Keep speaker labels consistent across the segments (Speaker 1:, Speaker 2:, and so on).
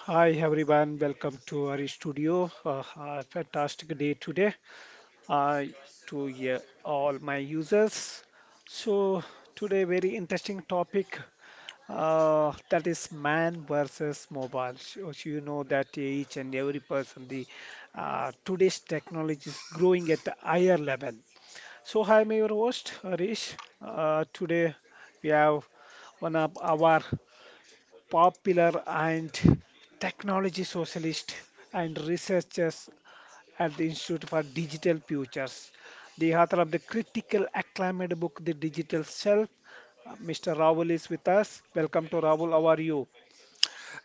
Speaker 1: Hi everyone, welcome to our studio. A fantastic day today uh, to yeah, all my users. So today very interesting topic that is man versus mobile. So you know that each and every person the today's technology is growing at a higher level. So hi, I'm your host Harish. Today we have one of our popular and technology socialist and researchers at the Institute for Digital Futures. The author of the critical acclaimed book, The Digital Self, Mr. Raoul is with us. Welcome to Raoul. How are you?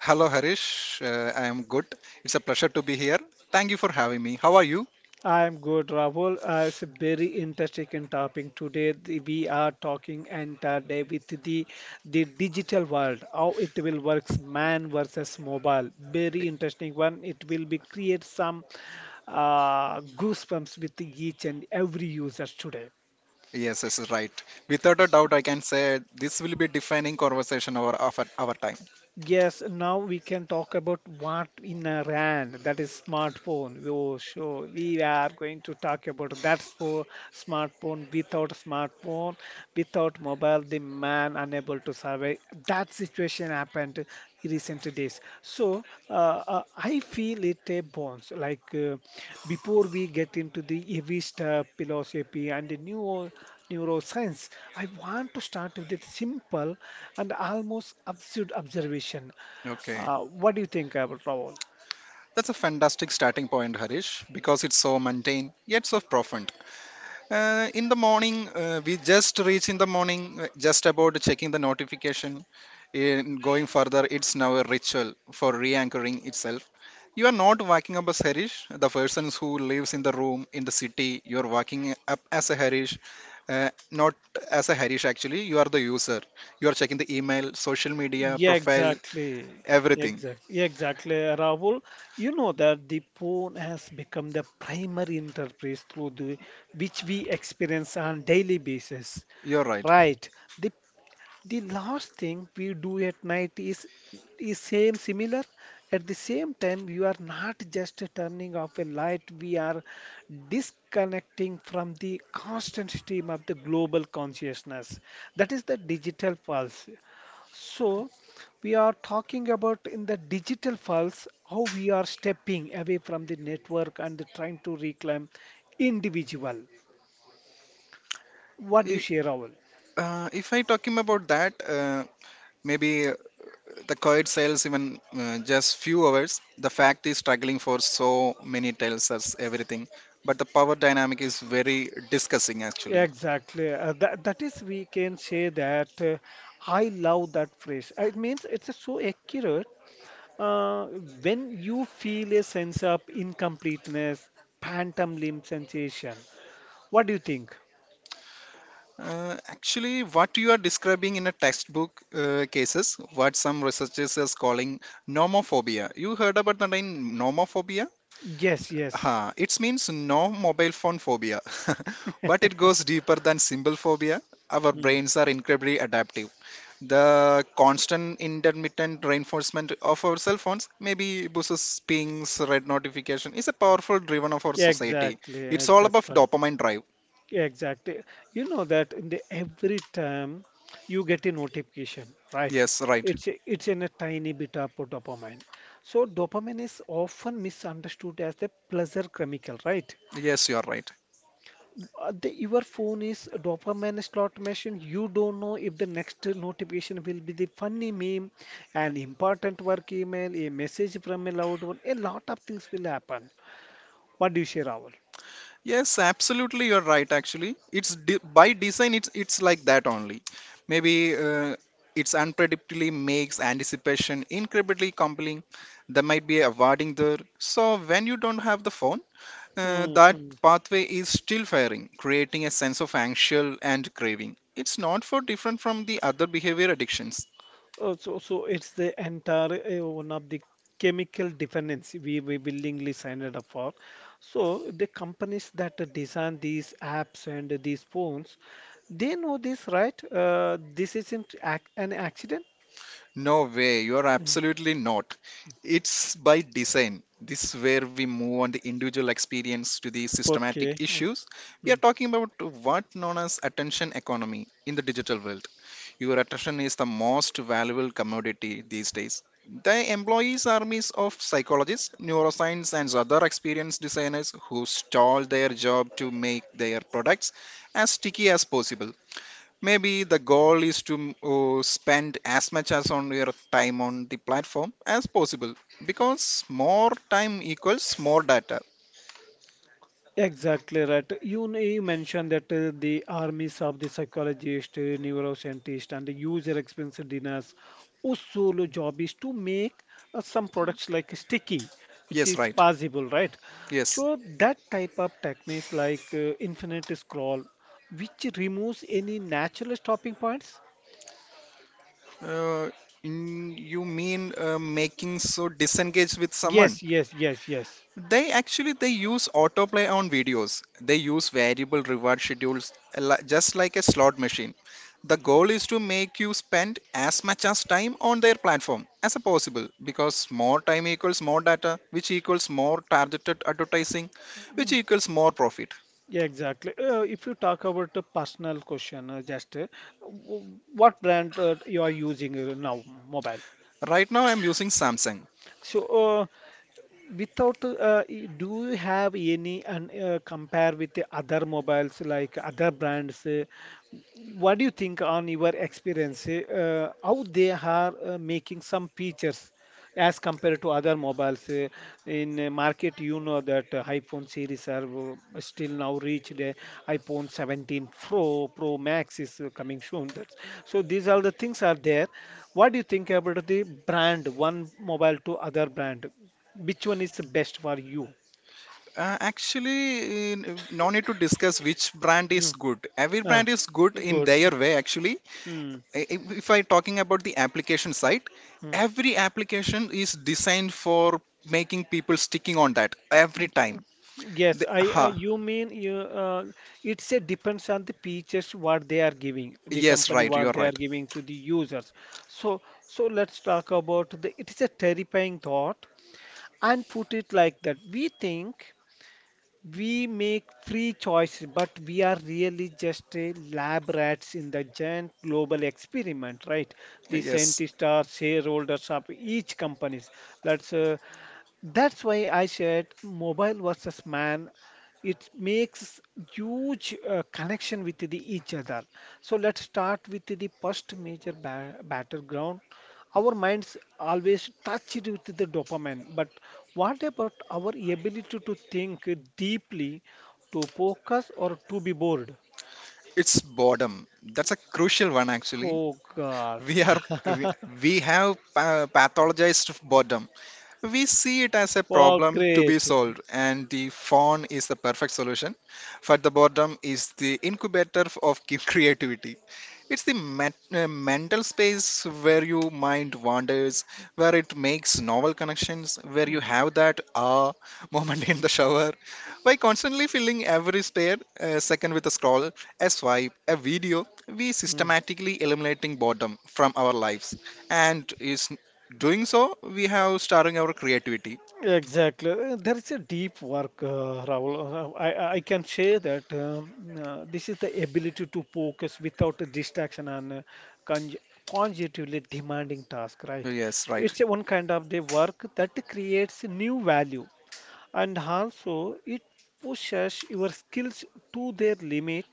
Speaker 2: Hello, Harish. I am good. It's a pleasure to be here. Thank you for having me. How are you?
Speaker 1: I'm good, Rahul. It's a very interesting topic today. We are talking entire day with the digital world, how it will works, man versus mobile. Very interesting one. It will be create some goosebumps with each and every user today.
Speaker 2: Yes, yes, right. Without a doubt, I can say this will be defining conversation over of our time.
Speaker 1: Yes, now we can talk about what in a RAN, that is smartphone. Oh, sure. We are going to talk about that for smartphone. Without smartphone, without mobile, the man unable to survive. That situation happened in recent days. I feel it a bones. Before we get into the heavy stuff, philosophy and the new neuroscience, I want to start with a simple and almost absurd observation.
Speaker 2: Okay.
Speaker 1: What do you think about Rahul?
Speaker 2: That's a fantastic starting point, Harish, because it's so mundane yet so profound. In the morning, we just reach in the morning, just about checking the notification. In going further, it's now a ritual for re anchoring itself. You are not waking up as Harish, the person who lives in the room in the city. You are waking up as a Harish, not as a Harish actually. You are the user. You are checking the email, social media,
Speaker 1: Yeah,
Speaker 2: profile,
Speaker 1: exactly.
Speaker 2: everything.
Speaker 1: Exactly, exactly, Rahul. You know that the phone has become the primary interface which we experience on daily basis.
Speaker 2: You're right.
Speaker 1: Right. The the last thing we do at night is same similar at the same time. You are not just turning off a light, we are disconnecting from the constant stream of the global consciousness that is the digital pulse. So we are talking about in the digital pulse how we are stepping away from the network and trying to reclaim individual. What do you
Speaker 2: If,
Speaker 1: share, Rahul?
Speaker 2: if I talking about that, maybe the coed sales even just few hours. The fact is struggling for so many tells us everything. But the power dynamic is very discussing actually.
Speaker 1: Exactly. That that is we can say that I love that phrase. It means it's so accurate. Uh, when you feel a sense of incompleteness, phantom limb sensation, what do you think?
Speaker 2: Actually, what you are describing in a textbook cases, what some researchers is calling nomophobia. You heard about that in nomophobia?
Speaker 1: Yes, yes.
Speaker 2: Huh, it means no mobile phone phobia, but it goes deeper than simple phobia. Our
Speaker 1: Mm.
Speaker 2: brains are incredibly adaptive. The constant intermittent reinforcement of our cell phones, maybe buses, pings, red notification, is a powerful driven of our society.
Speaker 1: Exactly,
Speaker 2: It's all about
Speaker 1: exactly.
Speaker 2: dopamine drive.
Speaker 1: Exactly. You know that in the every time you get a notification, right?
Speaker 2: Yes, right.
Speaker 1: It's a, it's in a tiny bit of dopamine. So dopamine is often misunderstood as the pleasure chemical, right?
Speaker 2: Yes, you are right.
Speaker 1: Your phone is a dopamine slot machine. You don't know if the next notification will be the funny meme, an important work email, a message from a loved one. A lot of things will happen. What do you share, Rahul?
Speaker 2: Yes, absolutely, you're right. Actually, it's de by design. It's like that only. Maybe uh, it's unpredictably makes anticipation incredibly compelling. There might be a awarding there. So when you don't have the phone, that pathway is still firing, creating a sense of anxious and craving. It's not for different from the other behavior addictions.
Speaker 1: So it's the entire one of the chemical dependency we willingly signed it up for. So the companies that design these apps and these phones, they know this, right? This isn't ac an accident.
Speaker 2: No way, you're
Speaker 1: Mm.
Speaker 2: absolutely not. It's by design. This where we move on the individual experience to the
Speaker 1: Okay.
Speaker 2: systematic
Speaker 1: Mm,
Speaker 2: issues. We are
Speaker 1: mm.
Speaker 2: talking about what known as attention economy in the digital world. Your attention is the most valuable commodity these days. The employees armies of psychologists, neuroscience, and other experienced designers who stall their job to make their products as sticky as possible. Maybe the goal is to spend as much as on your time on the platform as possible because more time equals more data.
Speaker 1: Exactly right. You mentioned that the armies of the psychologist, neuroscientist, and the user experience designers whose solo job is to make some products like sticky. It
Speaker 2: Yes,
Speaker 1: is
Speaker 2: right.
Speaker 1: possible, right?
Speaker 2: Yes.
Speaker 1: So that type of techniques like infinite scroll, which removes any natural stopping points.
Speaker 2: Uh, you mean making so disengaged with someone?
Speaker 1: Yes, yes, yes, yes.
Speaker 2: They actually they use autoplay on videos. They use variable reward schedules a li- just like a slot machine. The goal is to make you spend as much as time on their platform as possible because more time equals more data, which equals more targeted advertising, which equals more profit.
Speaker 1: Yeah, exactly. If you talk about the personal question, what brand you are using now, mobile?
Speaker 2: Right now I'm using Samsung.
Speaker 1: So, without, y- Do you have any and compare with the other mobiles like other brands? What do you think on your experience? How they are making some features as compared to other mobiles in market? You know that iPhone series are still now reached. iPhone 17 Pro, Pro Max is coming soon. That's, so these are the things are there. What do you think about the brand one mobile to other brand? Which one is best for you?
Speaker 2: uh, actually in- no need to discuss which brand is
Speaker 1: Mm.
Speaker 2: good. Every
Speaker 1: Ah,
Speaker 2: brand is good in
Speaker 1: good.
Speaker 2: their way actually.
Speaker 1: Hmm.
Speaker 2: If I talking about the application side, every application is designed for making people sticking on that every time
Speaker 1: Yes,
Speaker 2: they,
Speaker 1: I you mean you it's a depends on the features what they are giving, the
Speaker 2: yes
Speaker 1: company
Speaker 2: right you
Speaker 1: what
Speaker 2: are
Speaker 1: they are
Speaker 2: right.
Speaker 1: giving to the users. So so let's talk about, the it is a terrifying thought and put it like that. We think we make free choices, but we are really just a lab rats in the giant global experiment, right? The
Speaker 2: Yes,
Speaker 1: scientists are shareholders of each companies. Let's That's why I said mobile versus man. It makes huge connection with the each other. So let's start with the first major battleground. Our minds always touch it with the dopamine, but what about our ability to think deeply, to focus, or to be bored?
Speaker 2: it's boredom. That's a crucial one, actually.
Speaker 1: Oh god.
Speaker 2: We are we, we have pa- pathologized boredom. We see it as a
Speaker 1: Wow,
Speaker 2: problem to be
Speaker 1: great.
Speaker 2: solved, and the phone is the perfect solution. But the boredom is the incubator of ki- creativity. It's the met- mental space where your mind wanders, where it makes novel connections, where you
Speaker 1: Mm,
Speaker 2: have that ah moment in the shower. By constantly filling every spare second with a scroll, a swipe, a video, we
Speaker 1: mm.
Speaker 2: systematically eliminating boredom from our lives. And is doing so, we have starving our creativity.
Speaker 1: Exactly. There is a deep work, Rahul. I can say that this is the ability to focus without a distraction and conj conjectively demanding task, right?
Speaker 2: Yes, right.
Speaker 1: It's a one kind of the work that creates new value and also it pushes your skills to their limit.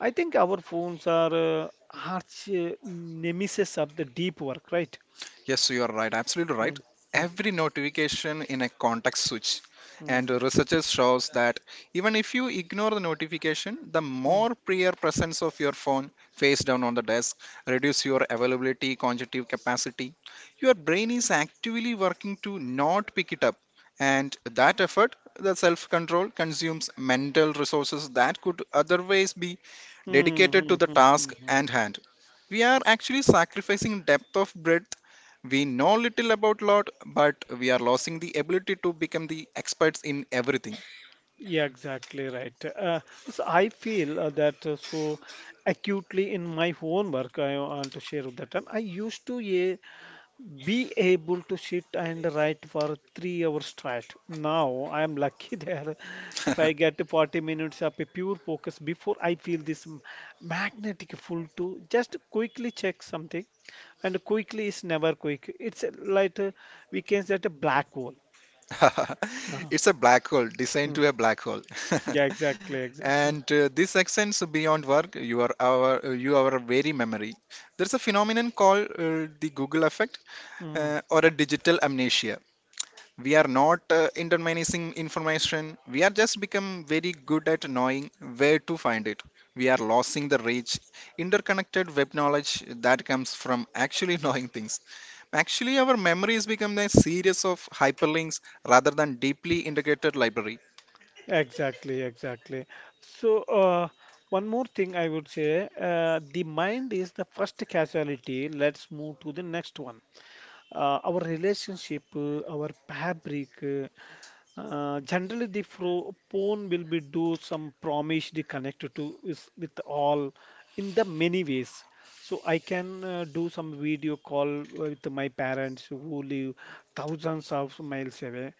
Speaker 1: I think our phones are arch nemesis of the deep work, right?
Speaker 2: Yes, you are right. Absolutely right.
Speaker 1: Mm, mm,
Speaker 2: Every notification in a context switch.
Speaker 1: mm,
Speaker 2: And researchers shows that even if you ignore the notification, the
Speaker 1: mm,
Speaker 2: more prior presence of your phone face down on the desk reduce your availability, cognitive capacity. Your brain is actively working to not pick it up. And that effort, the self-control, consumes mental resources that could otherwise be
Speaker 1: mm,
Speaker 2: dedicated to
Speaker 1: mm,
Speaker 2: the
Speaker 1: mm, mm,
Speaker 2: task at
Speaker 1: mm.
Speaker 2: hand. We are actually sacrificing depth of breadth. We know little about lot, but we are losing the ability to become the experts in everything.
Speaker 1: Yeah, exactly right. So I feel that so acutely in my own work. I want to share with that time. I used to yeah, be able to sit and write for 3 hours straight. Now I am lucky there. If I get to 40 minutes of a pure focus before I feel this magnetic pull to just quickly check something, and quickly is never quick. It's like We can set a black hole. Uh,
Speaker 2: It's a black hole designed to a
Speaker 1: mm.
Speaker 2: black hole.
Speaker 1: Yeah, exactly, exactly.
Speaker 2: and this extends beyond work. You are our very memory. There's a phenomenon called the Google effect
Speaker 1: Mm,
Speaker 2: or a digital amnesia. We are not interminacing information, we are just become very good at knowing where to find it. We are losing the rich interconnected web knowledge that comes from actually knowing things. Actually our memory memories become a series of hyperlinks rather than deeply integrated library.
Speaker 1: exactly, exactly. So, uh, One more thing I would say, the mind is the first casualty. Let's move to the next one. Our relationship, our fabric. Generally, the phone will be do some promise the connect to is with all in the many ways. So I can do some video call with my parents who live thousands of miles away.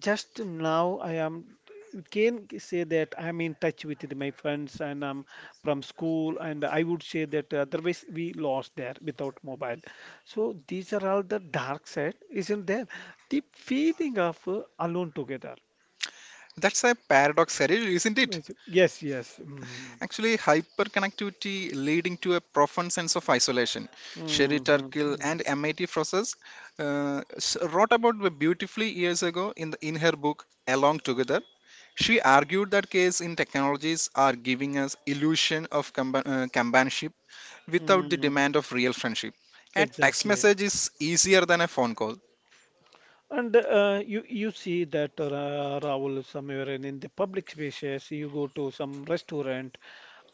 Speaker 1: Just now, I am, you can say that I'm in touch with my friends and I'm from school, and I would say that otherwise we lost there without mobile. So these are all the dark side, isn't there? The feeling of alone together.
Speaker 2: That's a paradox, Harry, isn't it?
Speaker 1: Yes, yes, yes. Mm,
Speaker 2: Actually, hyperconnectivity leading to a profound sense of isolation. Sherry
Speaker 1: mm, mm,
Speaker 2: Turkle
Speaker 1: mm,
Speaker 2: and MIT Frosses wrote about it beautifully years ago in, the, in her book Along Together. She argued that case in technologies are giving us illusion of compa- companionship without the demand of
Speaker 1: mm.
Speaker 2: real friendship. A text
Speaker 1: Exactly.
Speaker 2: message is easier than a phone call.
Speaker 1: And you see that Rahul, somewhere in the public spaces, you go to some restaurant,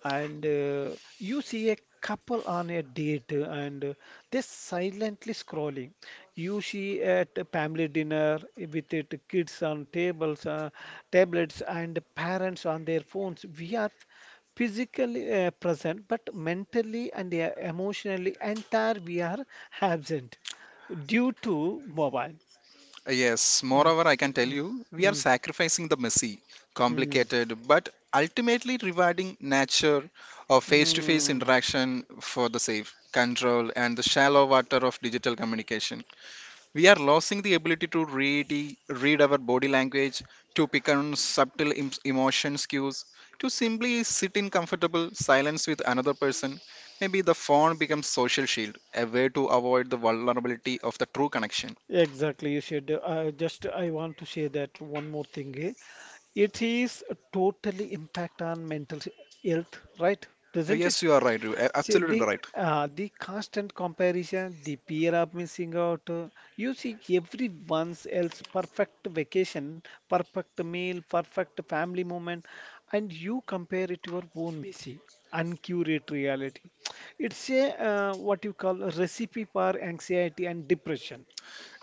Speaker 1: and you see a couple on a date, and they're silently scrolling. You see at a family dinner with it kids on tables, tablets, and parents on their phones. We are physically present, but mentally and emotionally entire we are absent due to mobile.
Speaker 2: Yes,
Speaker 1: Mm,
Speaker 2: moreover, I can tell
Speaker 1: mm,
Speaker 2: you, we are
Speaker 1: mm,
Speaker 2: sacrificing the messy,
Speaker 1: mm, mm.
Speaker 2: complicated, but ultimately rewarding nature of face to face
Speaker 1: Mm.
Speaker 2: interaction for the safe, control, and the shallow water of digital communication. We are losing the ability to read our body language, to pick on subtle em- emotion cues, to simply sit in comfortable silence with another person. Maybe the phone becomes social shield, a way to avoid the vulnerability of the true connection.
Speaker 1: Exactly, you should. Just I want to say that one more thing. Eh. It is totally impact on mental health, right?
Speaker 2: Uh,
Speaker 1: Doesn't it?
Speaker 2: Yes, you are right. You a-
Speaker 1: See
Speaker 2: absolutely right.
Speaker 1: the constant comparison, the peer of missing out. You see everyone's else perfect vacation, perfect meal, perfect family moment, and you compare it to your own messy, uncurated reality. It's a what you call a recipe for anxiety and depression.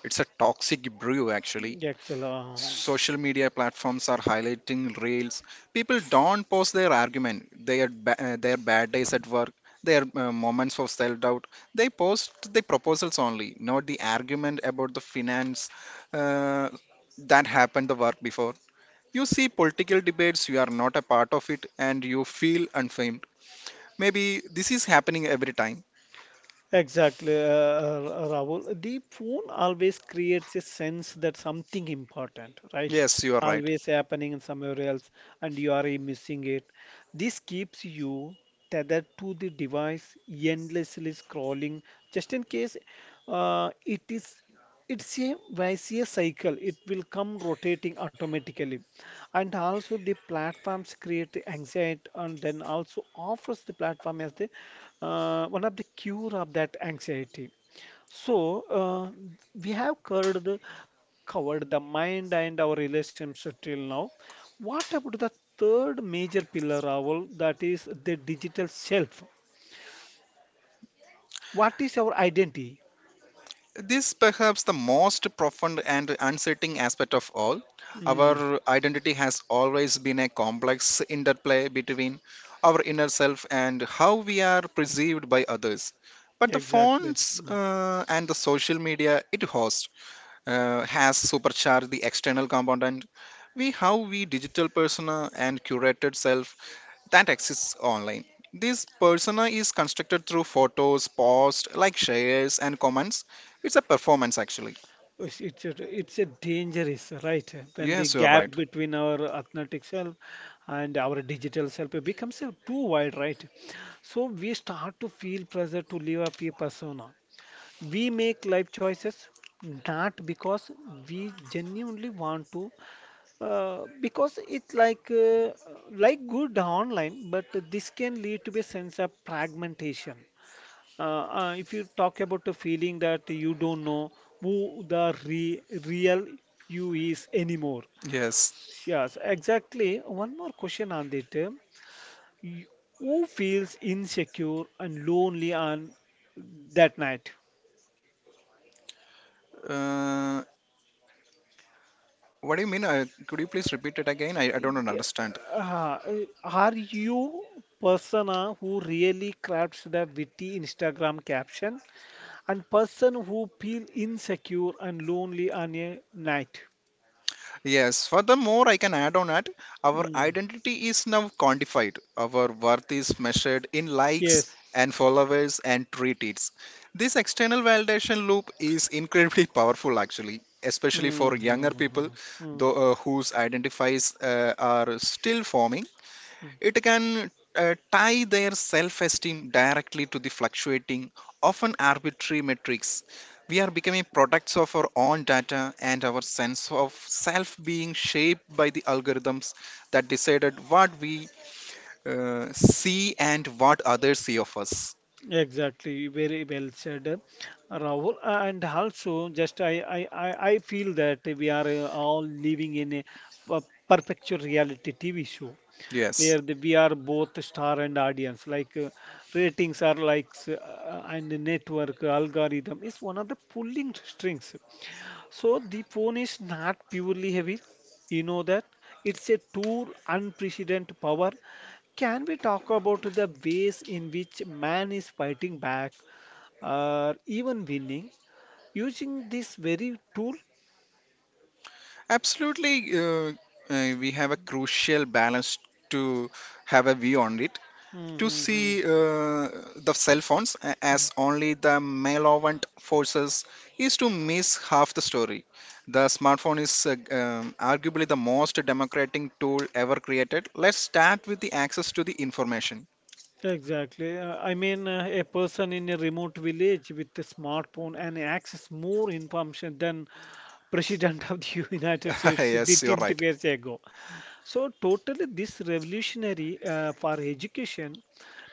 Speaker 2: It's a toxic brew, actually.
Speaker 1: Actually,
Speaker 2: Social media platforms are highlighting reels. People don't post their argument, their ba- their bad days at work, their moments of self-doubt. They post the proposals only, not the argument about the finance uh, that happened the work before. You see political debates, you are not a part of it, and you feel unfamed. Maybe this is happening every time.
Speaker 1: exactly, Rahul. The phone always creates a sense that something important, right?
Speaker 2: Yes, you are right.
Speaker 1: Always happening somewhere else, and you are missing it. This keeps you tethered to the device, endlessly scrolling, just in case uh, it is it's a vicious cycle, it will come rotating automatically. And also the platforms create the anxiety and then also offers the platform as the one of the cure of that anxiety. So uh, we have covered the mind and our relationship till now. What about the third major pillar, Rahul? That is the digital self. What is our identity?
Speaker 2: This perhaps the most profound and unsettling aspect of all.
Speaker 1: Mm,
Speaker 2: Our identity has always been a complex interplay between our inner self and how we are perceived by others. But the
Speaker 1: exactly.
Speaker 2: phones
Speaker 1: Hmm.
Speaker 2: and the social media it hosts has supercharged the external component. We have we digital persona and curated self that exists online. This persona is constructed through photos, posts, like shares and comments. It's a performance actually.
Speaker 1: It's a dangerous, right? When the
Speaker 2: Yes, you are
Speaker 1: gap
Speaker 2: right.
Speaker 1: between our authentic self and our digital self becomes too wide, right? So we start to feel pressure to live up a persona. We make life choices not because we genuinely want to, because it like good online, but this can lead to a sense of fragmentation. If you talk about the feeling that you don't know who the re real you is anymore.
Speaker 2: Yes.
Speaker 1: Yes, exactly. One more question on it. You- Who feels insecure and lonely on that night?
Speaker 2: Uh, what do you mean? Could you please repeat it again? I don't
Speaker 1: G-
Speaker 2: understand.
Speaker 1: uh, Are you persona who really crafts the witty Instagram caption and person who feel insecure and lonely on a night?
Speaker 2: Yes, furthermore, I can add on that our
Speaker 1: Mm.
Speaker 2: identity is now quantified. Our worth is measured in likes
Speaker 1: Yes.
Speaker 2: and followers and retweets. This external validation loop is incredibly powerful, actually, especially
Speaker 1: Hmm,
Speaker 2: for younger
Speaker 1: hmm,
Speaker 2: people,
Speaker 1: hmm, hmm,
Speaker 2: though whose identifies are still forming.
Speaker 1: hmm.
Speaker 2: It can tie their self esteem directly to the fluctuating, often arbitrary metrics. We are becoming products of our own data, and our sense of self being shaped by the algorithms that decided what we see and what others see of us.
Speaker 1: Exactly, very well said, Rahul. And also, just I feel that we are all living in a perpetual reality TV show
Speaker 2: Yes,
Speaker 1: where the, we are both star and audience. Ratings are like, and the network algorithm is one of the pulling strings. So the phone is not purely heavy. You know that it's a tool, unprecedented power. Can we talk about the ways in which man is fighting back or even winning using this very tool?
Speaker 2: absolutely. We have a crucial balance to have a view on it, to see
Speaker 1: Mm-hmm.
Speaker 2: the cell phones a- as only the malevolent forces is to miss half the story. The smartphone is arguably the most democratic tool ever created. Let's start with the access to the information.
Speaker 1: Exactly. A person in a remote village with a smartphone and access more information than President of the United States did
Speaker 2: Yes, you're
Speaker 1: 20
Speaker 2: right.
Speaker 1: years ago. So totally, this revolutionary for education.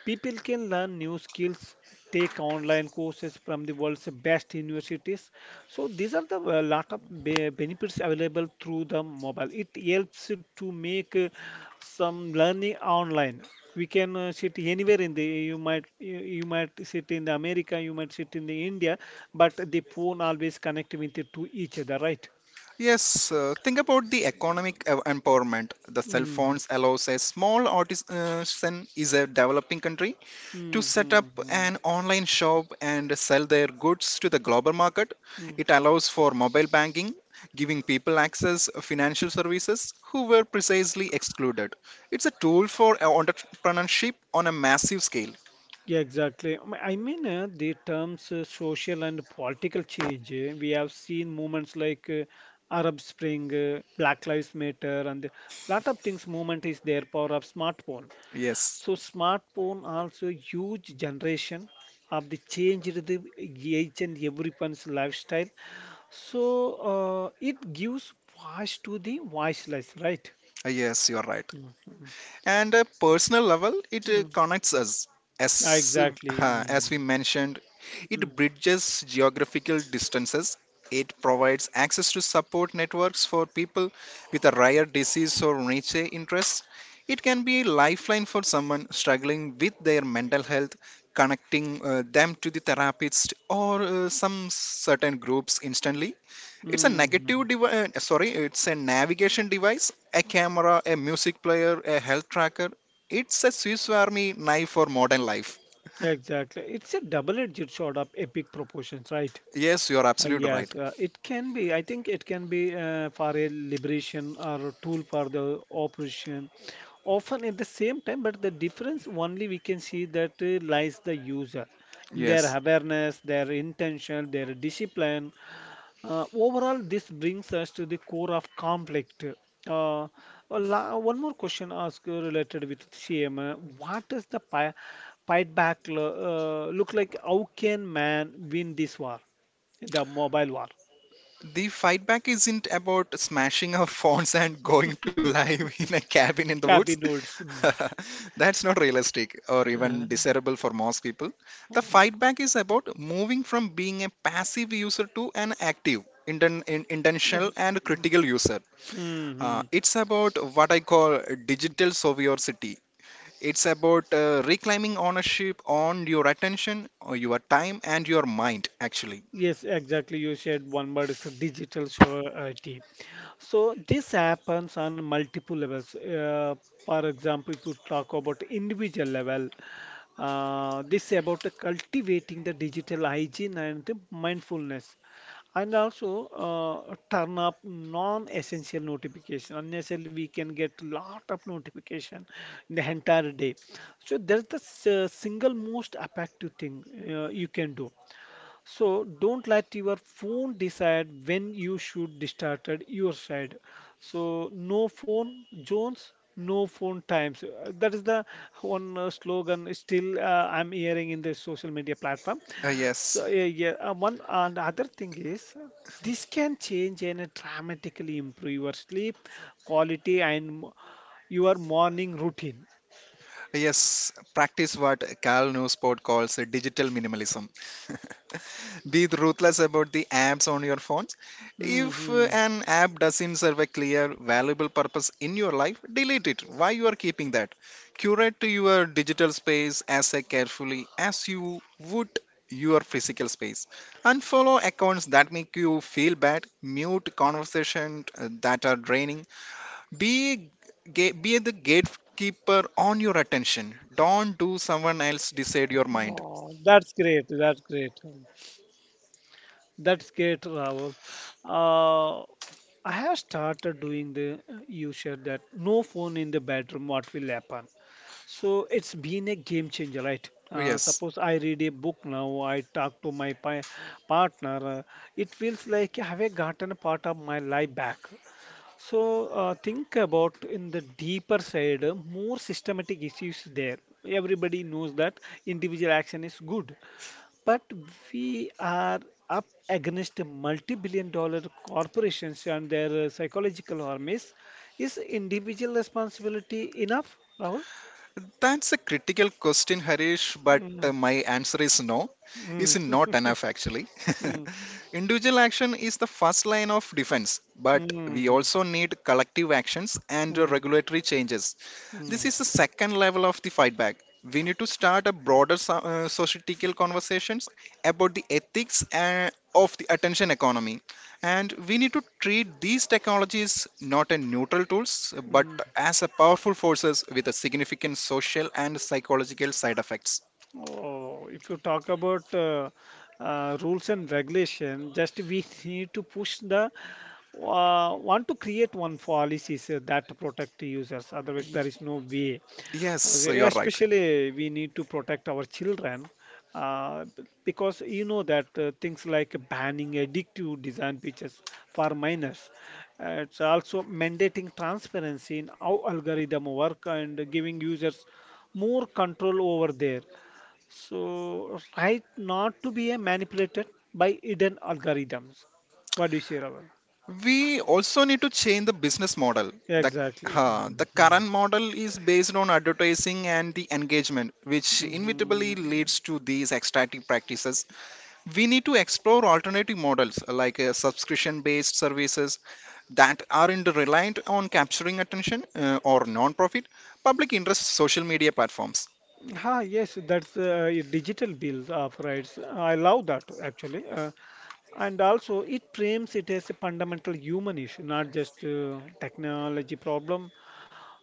Speaker 1: People can learn new skills, take online courses from the world's best universities. So these are the lot of benefits available through the mobile. It helps to make some learning online. We can sit anywhere in the. You might sit in the America, you might sit in the India, but the phone always connect with it to each other, right?
Speaker 2: Yes, think about the economic ev- empowerment. The cell
Speaker 1: Hmm,
Speaker 2: phones allows a small artisan is a developing country to
Speaker 1: hmm,
Speaker 2: set up an online shop and sell their goods to the global market.
Speaker 1: hmm.
Speaker 2: It allows for mobile banking, giving people access financial services who were precisely excluded. It's a tool for entrepreneurship on a massive scale.
Speaker 1: Yeah, exactly. I mean, the terms social and political change. We have seen movements like Arab Spring, Black Lives Matter, and a lot of things. Movement is their power of smartphone.
Speaker 2: Yes,
Speaker 1: So smartphone also huge generation of the change in the each and everyone's lifestyle. So it gives voice to the voiceless, right?
Speaker 2: yes, you are right.
Speaker 1: Mm, mm,
Speaker 2: And a personal level it
Speaker 1: mm.
Speaker 2: connects us as
Speaker 1: Exactly.
Speaker 2: as we
Speaker 1: Mm,
Speaker 2: mentioned. It
Speaker 1: mm,
Speaker 2: bridges geographical distances. It provides access to support networks for people with a rare disease or niche interest. It can be a lifeline for someone struggling with their mental health, connecting them to the therapist or some certain groups instantly. It's a
Speaker 1: mm.
Speaker 2: negative device, sorry, it's a navigation device, a camera, a music player, a health tracker. It's a Swiss Army knife for modern life.
Speaker 1: Exactly. It's a double-edged sword of epic proportions, right?
Speaker 2: Yes, you're absolutely right.
Speaker 1: Yes, it can be. I think it can be for a liberation or a tool for the operation. Often at the same time, but the difference only we can see that lies the user in their
Speaker 2: Yes.
Speaker 1: awareness, their intention, their discipline. Overall, this brings us to the core of conflict. Uh, One more question asked related with CM. What does the fight back look like? How can man win this war? The mobile war.
Speaker 2: The fight back isn't about smashing our phones and going to live in a cabin in the woods.
Speaker 1: Cabin woods. Mm.
Speaker 2: That's not realistic or even desirable for most people. The
Speaker 1: Uh,
Speaker 2: fight back is about moving from being a passive user to an active, inten- in- intentional,
Speaker 1: mm,
Speaker 2: and critical user. Uh,
Speaker 1: mm.
Speaker 2: it's about what I call digital sovereignty. It's about reclaiming ownership on your attention, or your time, and your mind, actually.
Speaker 1: Yes, exactly. You said one word is the digital surety. So this happens on multiple levels. For example, if you talk about individual level, this about cultivating the digital hygiene and the mindfulness, and also turn up non-essential notification. Unnecessarily, we can get lot of notification in the entire day. So that's the single most effective thing you can do. So don't let your phone decide when you should started your side. So no phone zones, no phone times. That is the one slogan still I'm hearing in the social media platform.
Speaker 2: Uh,
Speaker 1: So
Speaker 2: yes,
Speaker 1: yeah, yeah. One and other thing is this can change and dramatically improve your sleep quality and your morning routine.
Speaker 2: yes, practice what Cal Newport calls digital minimalism. Be ruthless about the apps on your phones. If
Speaker 1: Hmm.
Speaker 2: an app doesn't serve a clear, valuable purpose in your life, delete it. Why you are keeping that? Curate your digital space as carefully as you would your physical space. Unfollow accounts that make you feel bad. Mute conversations that are draining. Be be the gatekeeper on your attention. Don't do someone else decide your mind.
Speaker 1: Oh, that's great. That's great. That's great, Rahul. Uh, I have started doing the, you said that no phone in the bedroom, what will happen? So it's been a game changer, right?
Speaker 2: Yes.
Speaker 1: Suppose I read a book now, I talk to my pa partner, It feels like I have gotten a part of my life back. So think about in the deeper side, more systematic issues there. Everybody knows that individual action is good, but we are up against multi-billion dollar corporations and their psychological armies. Is individual responsibility enough, Rahul?
Speaker 2: That's a critical question, Harish, but
Speaker 1: Mm,
Speaker 2: my answer is no.
Speaker 1: mm,
Speaker 2: Is not enough actually.
Speaker 1: mm,
Speaker 2: Individual action is the first line of defense, but we
Speaker 1: mm,
Speaker 2: also need collective actions and
Speaker 1: mm,
Speaker 2: regulatory changes. This
Speaker 1: mm,
Speaker 2: is the second level of the fight. We need to start a broader societal conversations about the ethics of the attention economy, and we need to treat these technologies not as neutral tools but
Speaker 1: mm.
Speaker 2: as a powerful forces with a significant social and psychological side effects.
Speaker 1: Oh, if you talk about rules and regulation, just we need to push the want to create one policies that protect users. Otherwise, there
Speaker 2: Y-
Speaker 1: is no way.
Speaker 2: yes
Speaker 1: Okay,
Speaker 2: you are right.
Speaker 1: especially, we need to protect our children because you know that things like banning addictive design features for minors. It's also mandating transparency in how algorithm work and giving users more control over there. So, right not to be manipulated by hidden algorithms. What do you say, Raval?
Speaker 2: We also need to change the business model. The,
Speaker 1: Exactly.
Speaker 2: uh, the
Speaker 1: Mhm.
Speaker 2: current model is based on advertising and the engagement, which
Speaker 1: Mm-hmm.
Speaker 2: inevitably leads to these extractive practices. We need to explore alternative models like subscription based services that aren't reliant on capturing attention or non profit public interest social media platforms.
Speaker 1: Ha, yes, that's a digital bill of rights. I love that actually. And also, it frames it as a fundamental human issue, not just technology problem.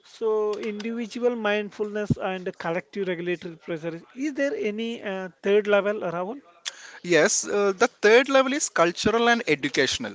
Speaker 1: So, individual mindfulness and collective regulatory pressure. Is there any third level, Rahul?
Speaker 2: Yes, the third level is cultural and educational.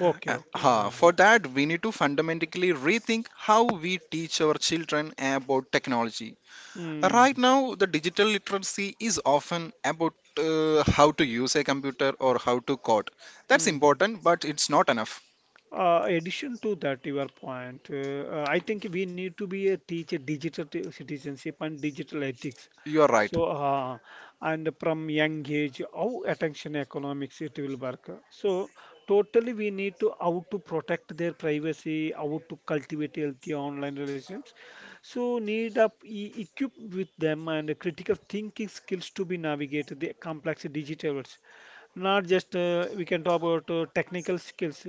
Speaker 1: Okay, okay.
Speaker 2: Huh. For that, we need to fundamentally rethink how we teach our children about technology.
Speaker 1: Hmm.
Speaker 2: Right now, the digital literacy is often about how to use a computer or how to code. That's
Speaker 1: Hmm.
Speaker 2: important, but it's not enough.
Speaker 1: Addition to that, your point, I think we need to be a teacher digital citizenship and digital ethics.
Speaker 2: You are right.
Speaker 1: So, and from young age, how attention economics it will work. So, totally we need to how to protect their privacy, how to cultivate healthy online relationships. So, need up e equip with them and critical thinking skills to be navigate the complex digital world not just we can talk about technical skills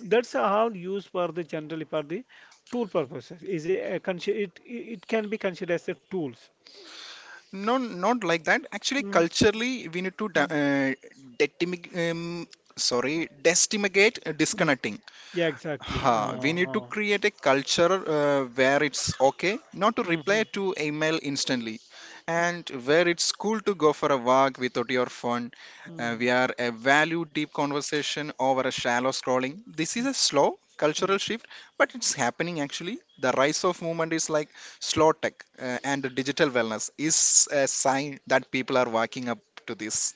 Speaker 1: that's how used for the generally for the tool purposes is a, it can be considered as a tools.
Speaker 2: No, not like that. Actually,
Speaker 1: Mm,
Speaker 2: culturally, we need to
Speaker 1: mm,
Speaker 2: detimi- um, destimate
Speaker 1: mm.
Speaker 2: disconnecting.
Speaker 1: Yeah exactly
Speaker 2: Huh, we need to create a culture where it's okay not to
Speaker 1: mm,
Speaker 2: reply to email instantly, and where it's cool to go for a walk without your phone.
Speaker 1: mm,
Speaker 2: We are a value deep conversation over a shallow scrolling. This is a slow cultural
Speaker 1: mm.
Speaker 2: shift, but it's happening actually. The rise of movement is like slow tech and digital wellness is a sign that people are waking up to this.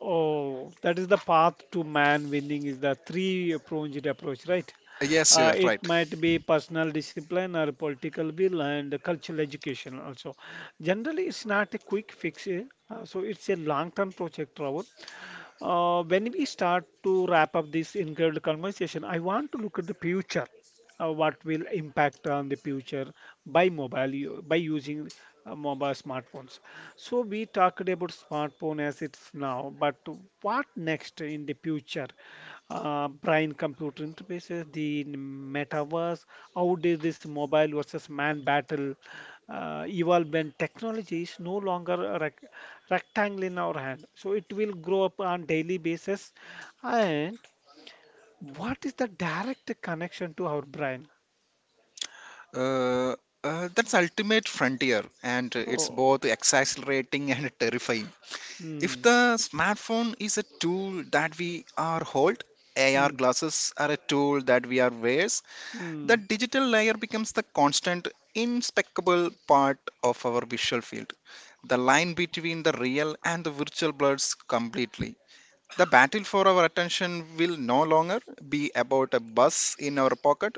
Speaker 1: Oh, that is the path to man winning is the three-pronged approach, right?
Speaker 2: Yes, you're
Speaker 1: It
Speaker 2: right.
Speaker 1: might be personal discipline or political will and cultural education also. Generally, it's not a quick fix, eh, so it's a long-term project, Robert. When we start to wrap up this incredible conversation, I want to look at the future what will impact on the future by by using mobile smartphones. So we talked about smartphone as it's now, but what next in the future? Brain computer interfaces, the metaverse. How does this mobile versus man battle evolve when technology is no longer a rectangle in our hand? So it will grow up on daily basis, and what is the direct connection to our brain?
Speaker 2: Uh, that's ultimate frontier, and it's
Speaker 1: Oh,
Speaker 2: both exhilarating and terrifying. If
Speaker 1: mm,
Speaker 2: the smartphone is a tool that we are hold, AR
Speaker 1: mm,
Speaker 2: glasses are a tool that we are wears, the
Speaker 1: mm.
Speaker 2: digital layer becomes the constant, inspecable part of our visual field. The line between the real and the virtual blurs completely. The battle for our attention will no longer be about a bus in our pocket.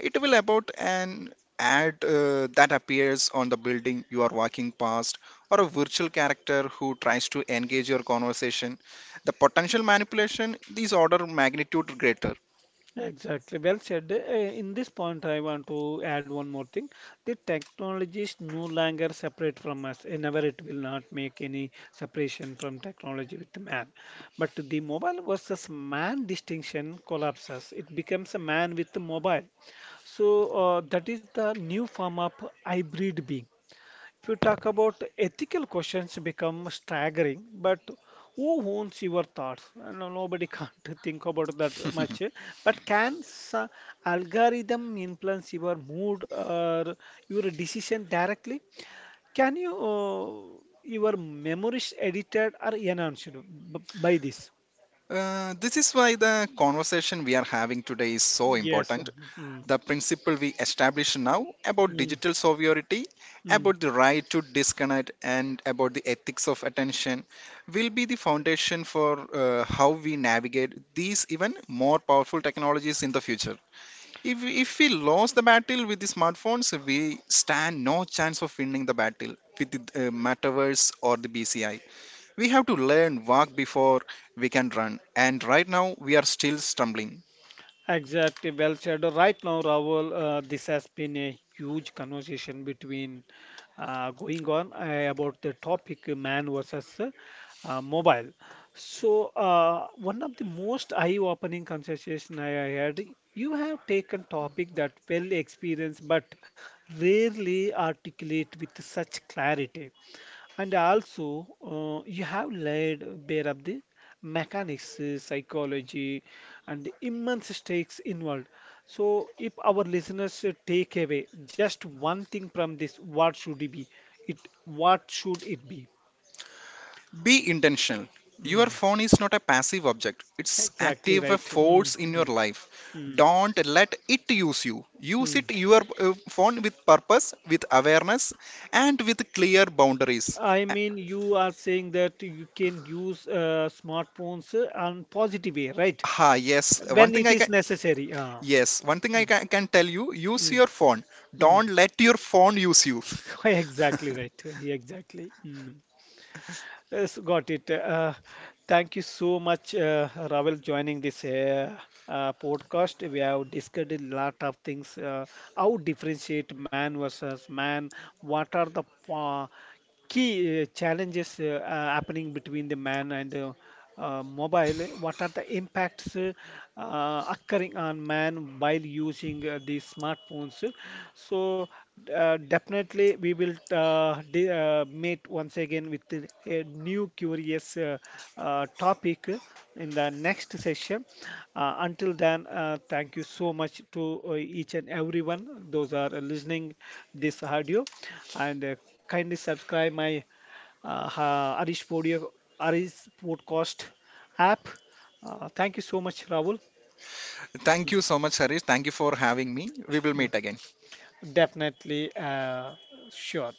Speaker 2: It will about an ad that appears on the building you are walking past, or a virtual character who tries to engage your conversation. The potential manipulation is order magnitude greater.
Speaker 1: Exactly. Well said. In this point, I want to add one more thing. The technology is no longer separate from us. Eh, never it will not make any separation from technology with the man. But the mobile versus man distinction collapses. It becomes a man with the mobile. So that is the new form of hybrid being. If you talk about ethical questions become staggering, but who owns your thoughts? Nobody can't think about that much. But algorithm influence your mood or your decision directly? Can your memories edited or enhanced by this?
Speaker 2: This is why the conversation we are having today is so
Speaker 1: Yes.
Speaker 2: important.
Speaker 1: Mm.
Speaker 2: The principle we established now about
Speaker 1: Mm.
Speaker 2: digital sovereignty,
Speaker 1: Mm.
Speaker 2: about the right to disconnect, and about the ethics of attention will be the foundation for how we navigate these even more powerful technologies in the future. If we lose the battle with the smartphones, we stand no chance of winning the battle with the metaverse or the BCI. We have to learn walk before we can run, and right now we are still stumbling.
Speaker 1: Exactly, well said. Right now, Rahul, this has been a huge conversation between going on about the topic man versus mobile. So, one of the most eye-opening conversation I had, you have taken topic that well experienced but rarely articulate with such clarity. And also, you have laid bare of the mechanics, psychology, and the immense stakes involved. So, if our listeners take away just one thing from this, what should it be? It what should it be?
Speaker 2: Be intentional. Your
Speaker 1: Mm,
Speaker 2: phone is not a passive object, it's
Speaker 1: exactly
Speaker 2: active a
Speaker 1: right. Mm,
Speaker 2: force in your
Speaker 1: mm,
Speaker 2: life.
Speaker 1: mm,
Speaker 2: Don't let it use you. Use it
Speaker 1: mm.
Speaker 2: your phone with purpose, with awareness and with clear boundaries.
Speaker 1: I
Speaker 2: Uh,
Speaker 1: mean, you are saying that you can use smartphones on positive way, right?
Speaker 2: Ah, yes, one
Speaker 1: When
Speaker 2: thing
Speaker 1: it
Speaker 2: I can
Speaker 1: is necessary.
Speaker 2: yes, one thing I
Speaker 1: Mm,
Speaker 2: ca- can tell you, use
Speaker 1: mm,
Speaker 2: your phone.
Speaker 1: mm.
Speaker 2: Don't let your phone use you.
Speaker 1: Exactly right. Exactly. Mm. Yes, got it. Thank you so much, Ravel, joining this podcast. We have discussed a lot of things. How differentiate man versus man? What are the uh, key challenges happening between the man and mobile, what are the impacts occurring on man while using these smartphones? So definitely we will meet once again with a new curious topic in the next session. Until then, thank you so much to each and everyone those are listening this audio and kindly subscribe my Arish Podio, Arish Podcast app. Thank you so much, Rahul.
Speaker 2: Thank you so much, Harish. Thank you for having me. We will
Speaker 1: Mm,
Speaker 2: meet again.
Speaker 1: definitely, sure.